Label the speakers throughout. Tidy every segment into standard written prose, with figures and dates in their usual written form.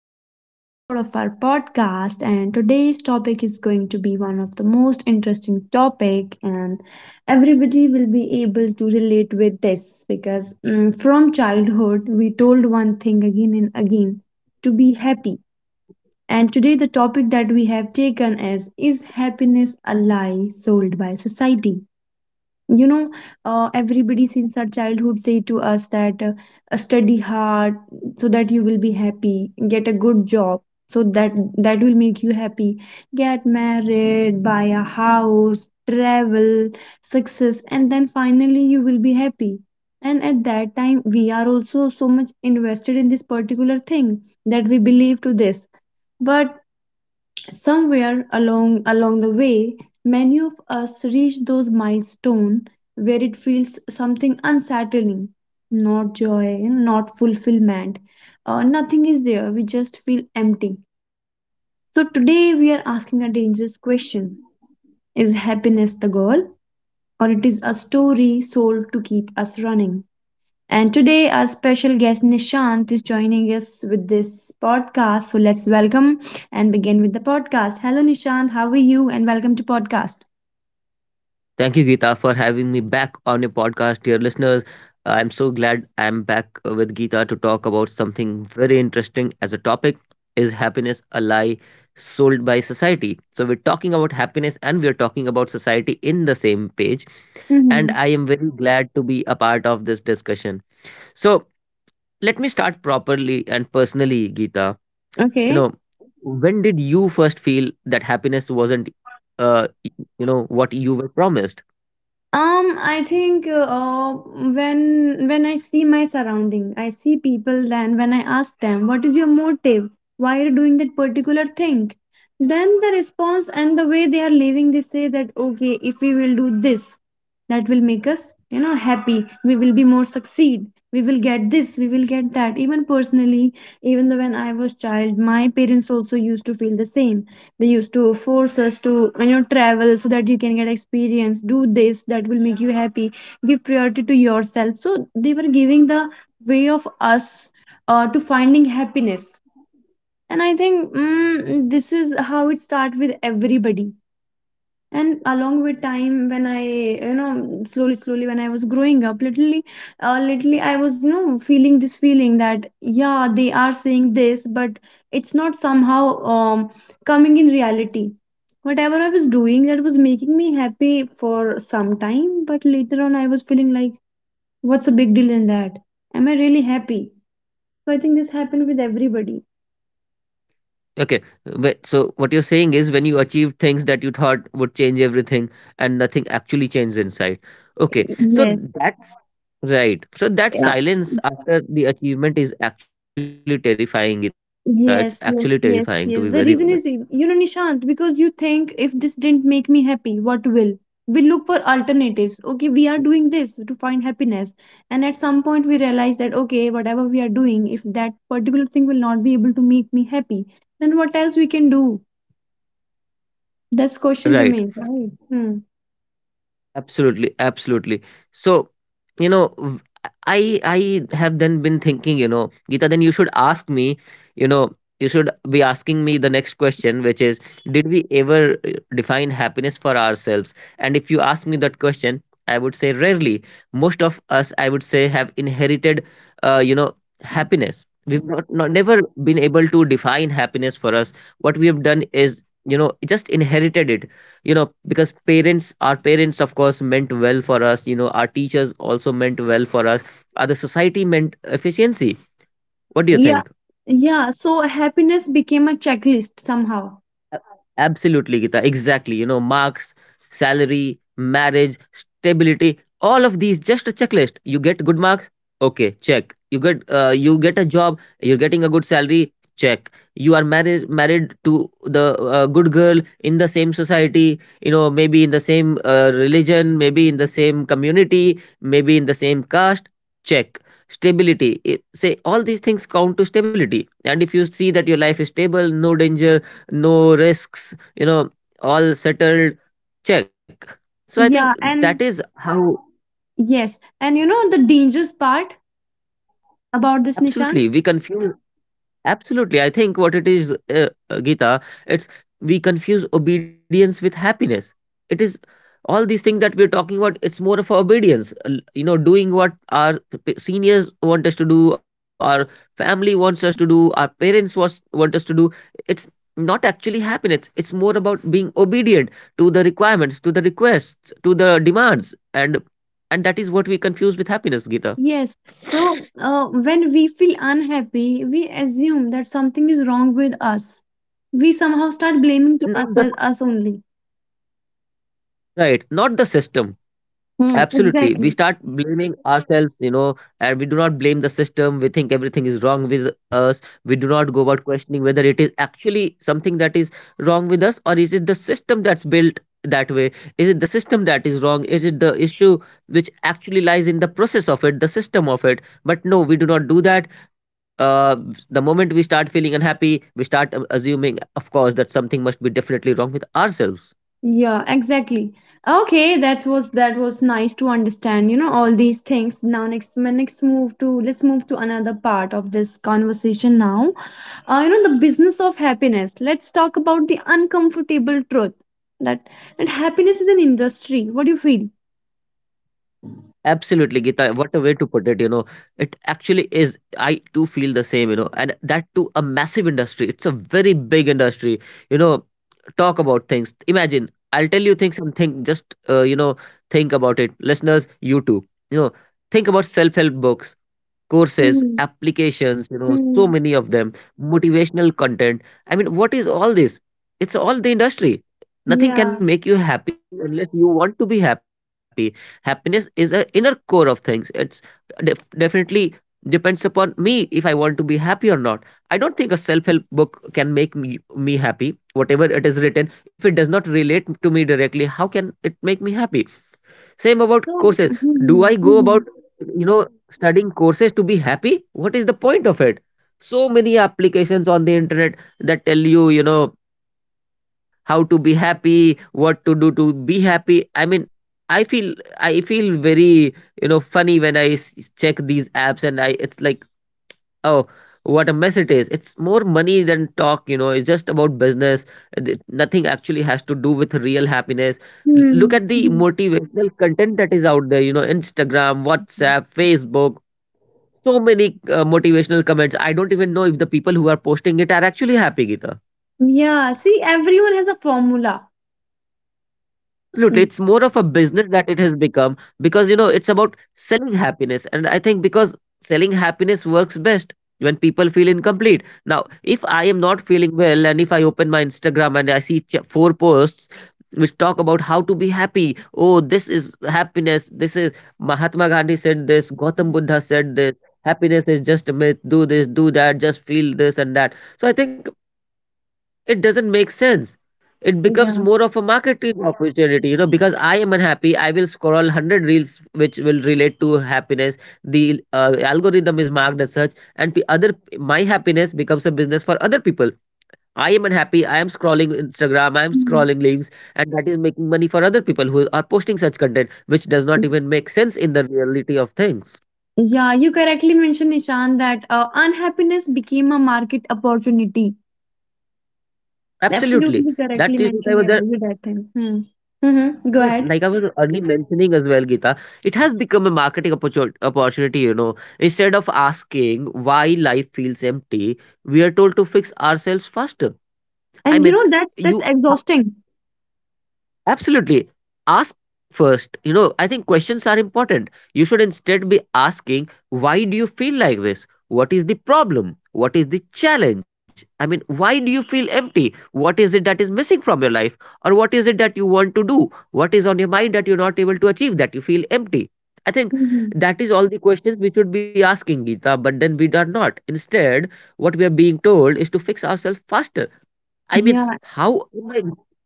Speaker 1: another episode of our podcast. And today's topic is going to be one of the most interesting topic, and everybody will be able to relate with this because from childhood we told one thing again and again to be happy. And today the topic that we have taken is happiness a lie sold by society? you know Everybody since our childhood say to us that study hard so that you will be happy. Get a good job so that will make you happy. Get married, buy a house, travel, success, and then finally you will be happy. And at that time we are also so much invested in this particular thing that we believe to this. But somewhere along the way, many of us reach those milestones where it feels something unsettling, not joy, not fulfillment, nothing is there. We just feel empty. So today we are asking a dangerous question: Is happiness the goal, or it is a story sold to keep us running? And today, our special guest Nishant is joining us with this podcast. So let's welcome and begin with the podcast. Hello, Nishant. How are you? And welcome to podcast.
Speaker 2: Thank you, Geeta, for having me back on your podcast, dear listeners. I'm so glad I'm back with Geeta to talk about something very interesting as a topic. Is happiness a lie sold by society? So we're talking about happiness and we're talking about society in the same page. And
Speaker 1: Mm-hmm.
Speaker 2: I am very glad to be a part of this discussion. So Let me start properly and personally, Geeta. You
Speaker 1: Okay.
Speaker 2: know, when did you first feel that happiness wasn't you know what you were promised?
Speaker 1: I think, when I see my surrounding, I see people. Then when I ask them, "What is your motive? Why are you doing that particular thing?" Then the response and the way they are living, they say that, "Okay, if we will do this, that will make us happy. We will be more succeed. We will get this. We will get that." Even personally, even though when I was child, my parents also used to feel the same. They used to force us to travel so that you can get experience, do this, that will make you happy, give priority to yourself. So they were giving the way of us to finding happiness. And I think, this is how it starts with everybody. And along with time, when I slowly slowly, when I was growing up literally, I was feeling this feeling that, yeah, they are saying this, but it's not somehow um coming in reality. Whatever I was doing, that was making me happy for some time, but later on I was feeling like, what's a big deal in that? Am I really happy? So I think this happened with everybody.
Speaker 2: Okay, wait, so what you're saying is when you achieved things that you thought would change everything and nothing actually changed inside. Okay, so
Speaker 1: Yes.
Speaker 2: that's right. So that
Speaker 1: Yeah.
Speaker 2: silence after the achievement is actually terrifying, Gita. It's actually terrifying, to be
Speaker 1: Yes,
Speaker 2: very
Speaker 1: yes,
Speaker 2: honest.
Speaker 1: yes, yes. The reason is, you know, Nishant, because you think if this didn't make me happy, what will? We look for alternatives. Okay, we are doing this to find happiness. And at some point, we realize that, okay, whatever we are doing, if that particular thing will not be able to make me happy, then what else we can do? This question
Speaker 2: Right.
Speaker 1: remains, right? Hmm.
Speaker 2: Absolutely, absolutely. So, you know, I have then been thinking, you know, Gita, then you should ask me, you know, you should be asking me the next question, which is, did we ever define happiness for ourselves? And if you ask me that question, I would say rarely. Most of us, I would say, have inherited, you know, happiness. We've not, not never been able to define happiness for us. What we have done is, you know, just inherited it, you know, because parents our parents, of course, meant well for us, you know, our teachers also meant well for us, other society meant efficiency. What do you
Speaker 1: Yeah,
Speaker 2: think?
Speaker 1: yeah. So happiness became a checklist somehow.
Speaker 2: A- Absolutely, Gita. Exactly. You know, marks, salary, marriage, stability, all of these just a checklist. You get good marks, okay, check. You get a job, you're getting a good salary, check. You are married to the good girl in the same society, you know, maybe in the same religion, maybe in the same community, maybe in the same caste, check. Stability, it, say all these things count to stability. And if you see that your life is stable, no danger, no risks, you know, all settled, check. So I think
Speaker 1: Yeah,
Speaker 2: that
Speaker 1: and
Speaker 2: is how
Speaker 1: yes, and you know the dangerous part about this, Nishant?
Speaker 2: absolutely we confuse. Absolutely. I think what it is, Geeta, it's we confuse obedience with happiness. It is all these things that we're talking about, it's more of obedience. You know, doing what our seniors want us to do, our family wants us to do, our want us to do. It's not actually happiness. It's more about being obedient to the requirements, to the requests, to the demands. And that is what we confuse with happiness, Geeta.
Speaker 1: Yes. So, when we feel unhappy, we assume that something is wrong with us. We somehow start blaming to us
Speaker 2: Not the
Speaker 1: us only.
Speaker 2: right, not the system.
Speaker 1: Hmm.
Speaker 2: Absolutely. We
Speaker 1: Exactly.
Speaker 2: start blaming ourselves, you know, and we do not blame the system. We think everything is wrong with us. We do not go about questioning whether it is actually something that is wrong with us or is it the system that's built that way? Is it the system that is wrong? Is it the issue which actually lies in the process of it, the system of it? But no, we do not do that. Uh, the moment we start feeling unhappy, we start assuming, of course, that something must be definitely wrong with ourselves.
Speaker 1: Yeah. Exactly. Okay. That was nice to understand. You know all these things. Now next, my next move to, let's move to another part of this conversation. Now, you know the business of happiness. Let's talk about the uncomfortable truth that that happiness is an industry. What do you feel?
Speaker 2: Absolutely, Gita. What a way to put it, you know. It actually is. I too feel the same, you know, and that too a massive industry. It's a very big industry. You know, talk about things. Imagine, I'll tell you things and think, just, you know, think about it. Listeners, you too. You know, think about self help books, courses,
Speaker 1: Mhm,
Speaker 2: applications, you know, so
Speaker 1: mhm.
Speaker 2: many of them, motivational content. I mean, what is all this? It's all the industry. Nothing
Speaker 1: Yeah.
Speaker 2: can make you happy unless you want to be happy. Happiness is an inner core of things. It's definitely depends upon me if I want to be happy or not. I don't think a self help book can make me happy. Whatever it is written, if it does not relate to me directly, how can it make me happy? Same about
Speaker 1: So,
Speaker 2: courses. Do
Speaker 1: mhm,
Speaker 2: I go about,
Speaker 1: mhm,
Speaker 2: you know, studying courses to be happy? What is the point of it? So many applications on the internet that tell you, you know, how to be happy, what to do to be happy. I mean, I feel I feel very, you know, funny when check these apps and I it's like, oh, what a mess it is. It's more money than talk, you know. It's just about business. Nothing actually has to do with real happiness. Look
Speaker 1: mhm,
Speaker 2: at the
Speaker 1: mhm.
Speaker 2: motivational content that is out there, you know, Instagram, WhatsApp, Facebook. So many motivational comments. I don't even know if the people who are posting it are actually happy, Gita.
Speaker 1: Yeah, see, everyone has a formula.
Speaker 2: Absolutely.
Speaker 1: Hmm.
Speaker 2: It's more of a business that it has become because, you know, it's about selling happiness. And I think because selling happiness works best when people feel incomplete. Now, if I am not feeling well and if I open my Instagram and I see four posts which talk about how to be happy, oh, this is happiness. This is Mahatma Gandhi said this, Gautam Buddha said this. Happiness is just a myth. Do this, do that, just feel this and that. So I think it doesn't make sense. It becomes
Speaker 1: Yeah.
Speaker 2: more of a marketing opportunity, you know, because I am unhappy. I will scroll 100 reels which will relate to happiness. The algorithm is marked as such, and p- other my happiness becomes a business for other people. I am unhappy. I am scrolling Instagram. I am
Speaker 1: Mhm.
Speaker 2: scrolling links, and that is making money for other people who are posting such content, which does not even make sense in the reality of things.
Speaker 1: Yeah, you correctly mentioned, Nishan, that unhappiness became a market opportunity.
Speaker 2: Absolutely.
Speaker 1: Absolutely correctly
Speaker 2: That is what I
Speaker 1: mentioned, yeah,
Speaker 2: was.
Speaker 1: you that thing. Hmm. Mm-hmm. Go
Speaker 2: Yes,
Speaker 1: ahead.
Speaker 2: like I was early mentioning as well, Geeta, it has become a opportunity, you know. Instead of asking why life feels empty, we are told to fix ourselves faster.
Speaker 1: And
Speaker 2: I
Speaker 1: you
Speaker 2: mean,
Speaker 1: know that
Speaker 2: you
Speaker 1: that's exhausting.
Speaker 2: absolutely. Ask first. You know, I think questions are important. You should instead be asking, why do you feel like this? What is the problem? What is the challenge? I mean, why do you feel empty? What is it that is missing from your life? Or what is it that you want to do? What is on your mind that you're not able to achieve, that you feel empty? I think
Speaker 1: Hmm.
Speaker 2: that is all the questions we should be asking, Gita, but then we are not. Instead, what we are being told is to fix ourselves faster. I mean,
Speaker 1: Yeah,
Speaker 2: how am I,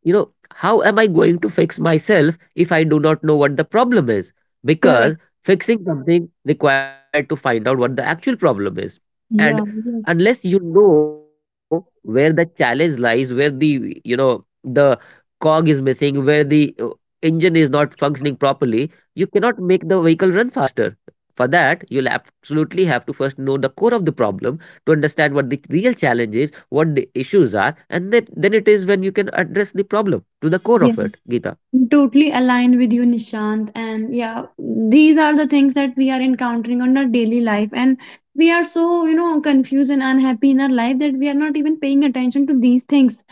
Speaker 2: you know, how am I going to fix myself if I do not know what the problem is?
Speaker 1: correct.
Speaker 2: Because fixing something required to find out what the actual problem is. And
Speaker 1: Yeah,
Speaker 2: unless
Speaker 1: yes,
Speaker 2: you know where the challenge lies, where the, you know, the cog is missing, where the engine is not functioning properly, you cannot make the vehicle run faster. For that, you'll absolutely have to first know the core of the problem to understand what the real challenge is, what the issues are, and then it is when you can address the problem to the core of
Speaker 1: yes.
Speaker 2: it, Geeta.
Speaker 1: Totally aligned with you, Nishant. And yeah, these are the things that we are encountering on our daily life. And we are so confused and unhappy in our life that we are not even paying attention to these things.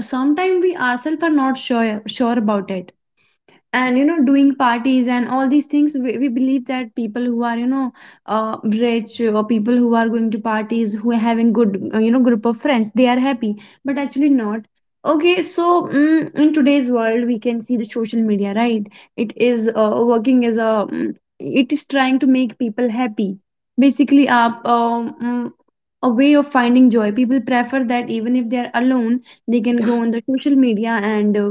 Speaker 1: Sometimes we ourselves are not sure about it. And doing parties and all these things, we believe that people who are rich, or people who are going to parties, who are having good group of friends, they are happy, but actually not. Okay, so in today's world we can see the social media, right? It is working it is trying to make people happy, basically, a way of finding joy. People prefer that, even if they are alone, they can go on the social media. And uh,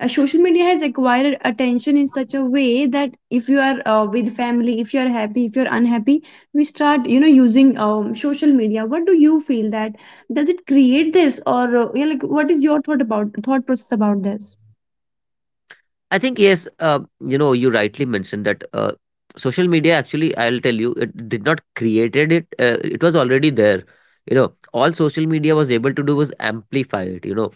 Speaker 1: uh, social media has acquired attention in such a way that if you are with family, if you are happy, if you are unhappy, we start using social media. What do you feel, that does it create this, or yeah, like, what is your thought process about this?
Speaker 2: I think yes, you know, you rightly mentioned that social media actually, I'll tell you, it did not created it. It was already there. You know, all social media was able to do was amplify it. You know,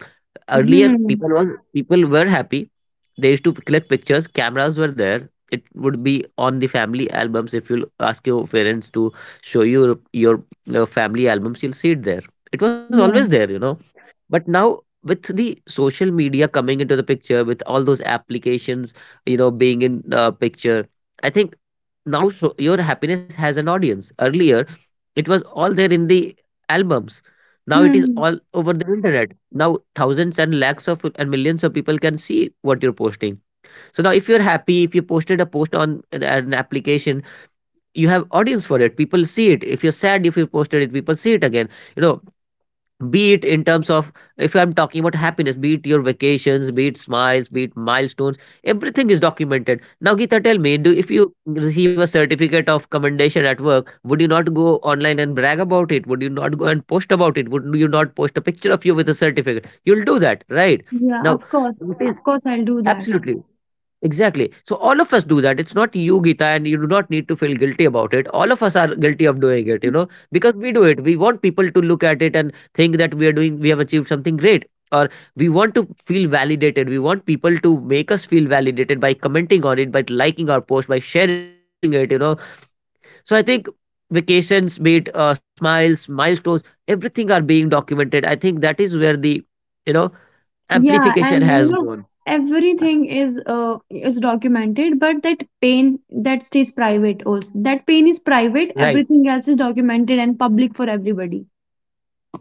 Speaker 2: earlier
Speaker 1: Hmm.
Speaker 2: people was people were happy. They used to collect pictures, cameras were there, it would be on the family albums. If you ask your parents to show you your family albums, you'll see it there. It was always
Speaker 1: Yeah.
Speaker 2: there, you know, but now, with the social media coming into the picture, with all those applications, you know, being in picture, I think now so your happiness has an audience. Earlier, it was all there in the albums. Now it is all
Speaker 1: Hmm.
Speaker 2: over the internet. Now thousands and lakhs of and millions of people can see what you're posting. So now if you're happy, if you posted a post on an application, you have audience for it. People see it. If you're sad, if you posted it, people see it again. You know, be it in terms of, if I'm talking about happiness, be it your vacations, be it smiles, be it milestones, everything is documented now, Geeta. Tell me, do if you receive a certificate of commendation at work, would you not go online and brag about it? Would you not go and post about it? Would you not post a picture of you with a certificate? You'll do that, right?
Speaker 1: Yeah,
Speaker 2: Now
Speaker 1: of course.
Speaker 2: it is
Speaker 1: Of course, I'll do that.
Speaker 2: absolutely exactly. So all of us do that. It's not you, Gita, and you do not need to feel guilty about it. All of us are guilty of doing it, you know, because we do it. We want people to look at it and think that we are doing, we have achieved something great. Or we want to feel validated. We want people to make us feel validated by commenting on it, by liking our post, by sharing it, you know. So I think vacations, be it smiles, milestones, everything are being documented. I think that is where the, you know,
Speaker 1: Yeah,
Speaker 2: amplification
Speaker 1: and
Speaker 2: has gone.
Speaker 1: everything is documented, but that pain that stays private also. That pain is private,
Speaker 2: Right.
Speaker 1: everything else is documented and public for everybody.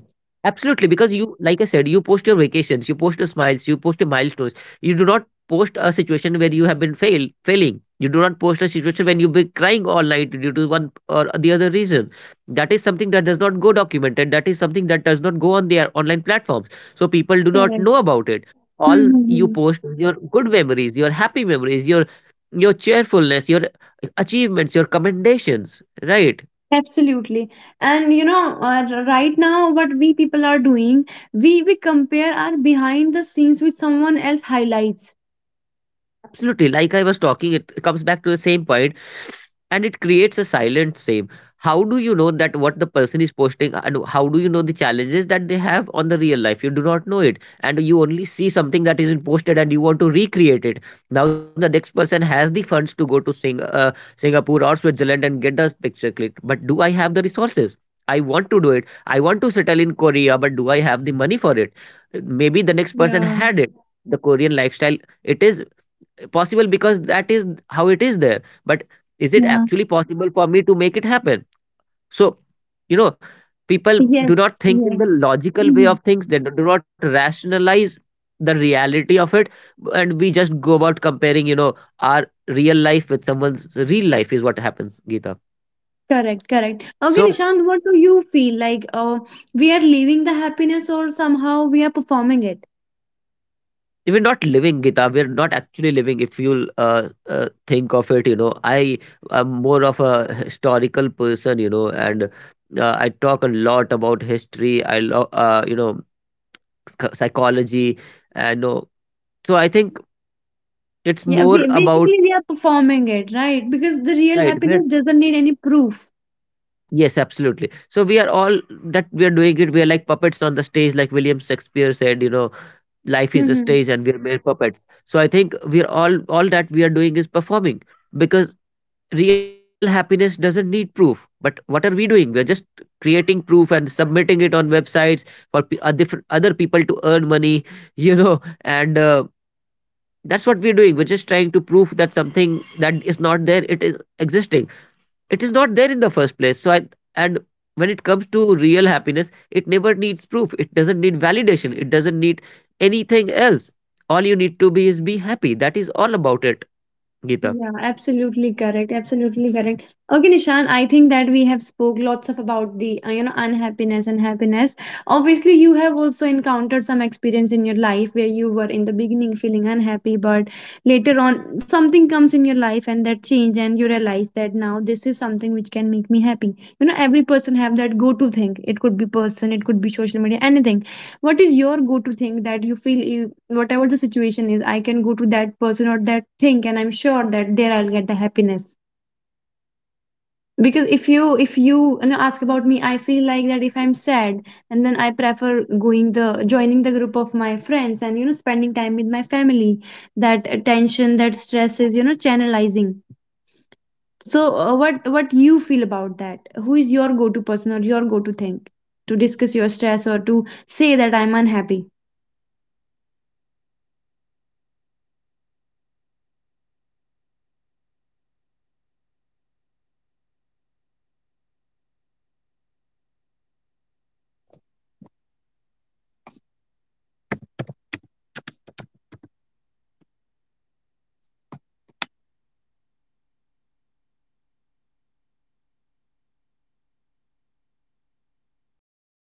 Speaker 2: Absolutely, because you, like I said, you post your vacations, you post your smiles, you post your milestones. You do not post a situation where you have been failing. You do not post a situation when you've been crying all night due to one or the other reason. That is something that does not go documented. That is something that does not go on their online platforms. So people do not
Speaker 1: Correct.
Speaker 2: know about it. All you
Speaker 1: Mm-hmm.
Speaker 2: post is your good memories, your happy memories, your cheerfulness, your achievements, your commendations, right?
Speaker 1: Absolutely. And right now what we people are doing, we compare our behind the scenes with someone else highlights.
Speaker 2: Absolutely. Like I was talking, it comes back to the same point, and it creates a silent same. How do you know that what the person is posting, and how do you know the challenges that they have on the real life? You do not know it. And you only see something that isn't posted and you want to recreate it. Now the next person has the funds to go to Singapore or Switzerland and get the picture clicked. But do I have the resources? I want to do it. I want to settle in Korea, but do I have the money for it? Maybe the next person
Speaker 1: Yeah.
Speaker 2: had it. The Korean lifestyle, it is possible because that is how it is there, but is it
Speaker 1: Yeah.
Speaker 2: actually possible for me to make it happen? So, you know, people do
Speaker 1: Yes.
Speaker 2: not think in the
Speaker 1: Yes.
Speaker 2: logical way of
Speaker 1: Mhm.
Speaker 2: things. They do not rationalize the reality of it, and we just go about comparing, you know, our real life with someone's real life is what happens, geeta
Speaker 1: Correct, correct.
Speaker 2: so
Speaker 1: Okay, Nishant, what do you feel like? We are leaving the happiness, or somehow we are performing it?
Speaker 2: we're not living, Gita. We're not actually living. If you'll think of it, you know, I am more of a historical person, you know, and I talk a lot about history. I love, you know, psychology, and so I think it's
Speaker 1: Yeah,
Speaker 2: more about
Speaker 1: basically we are performing it, right? Because the real
Speaker 2: right. We're
Speaker 1: happiness doesn't need any proof.
Speaker 2: yes, absolutely. So we are all that we are doing it. We are like puppets on the stage, like William Shakespeare said. You know, life is a
Speaker 1: Mm-hmm.
Speaker 2: stage, and we are mere puppets. So I think we are all that we are doing is performing, because real happiness doesn't need proof. But what are we doing? We're just creating proof and submitting it on websites for different other people to earn money, you know, and that's what we're doing. We're just trying to prove that something that is not there, it is existing. It is not there in the first place. So i and when it comes to real happiness, it never needs proof. It doesn't need validation. It doesn't need anything else. All you need to be is be happy. That is all about it, Gita.
Speaker 1: Yeah, absolutely correct. Absolutely correct. Okay, Nishan, I think that we have spoke lots of about the unhappiness and happiness. Obviously, you have also encountered some experience in your life where you were in the beginning feeling unhappy, but later on something comes in your life and that change, and you realize that now this is something which can make me happy. Every person have that go-to thing. It could be person, it could be social media, anything. What is your go to thing that you feel, whatever the situation is, I can go to that person or that thing, and I'm sure that there I'll get the happiness. Because if you ask about me, I feel like that if I'm sad, and then I prefer going the joining the group of my friends, and spending time with my family, that tension, that stress is channelizing. So what you feel about that? Who is your go to person or your go to thing to discuss your stress, or to say that I'm unhappy?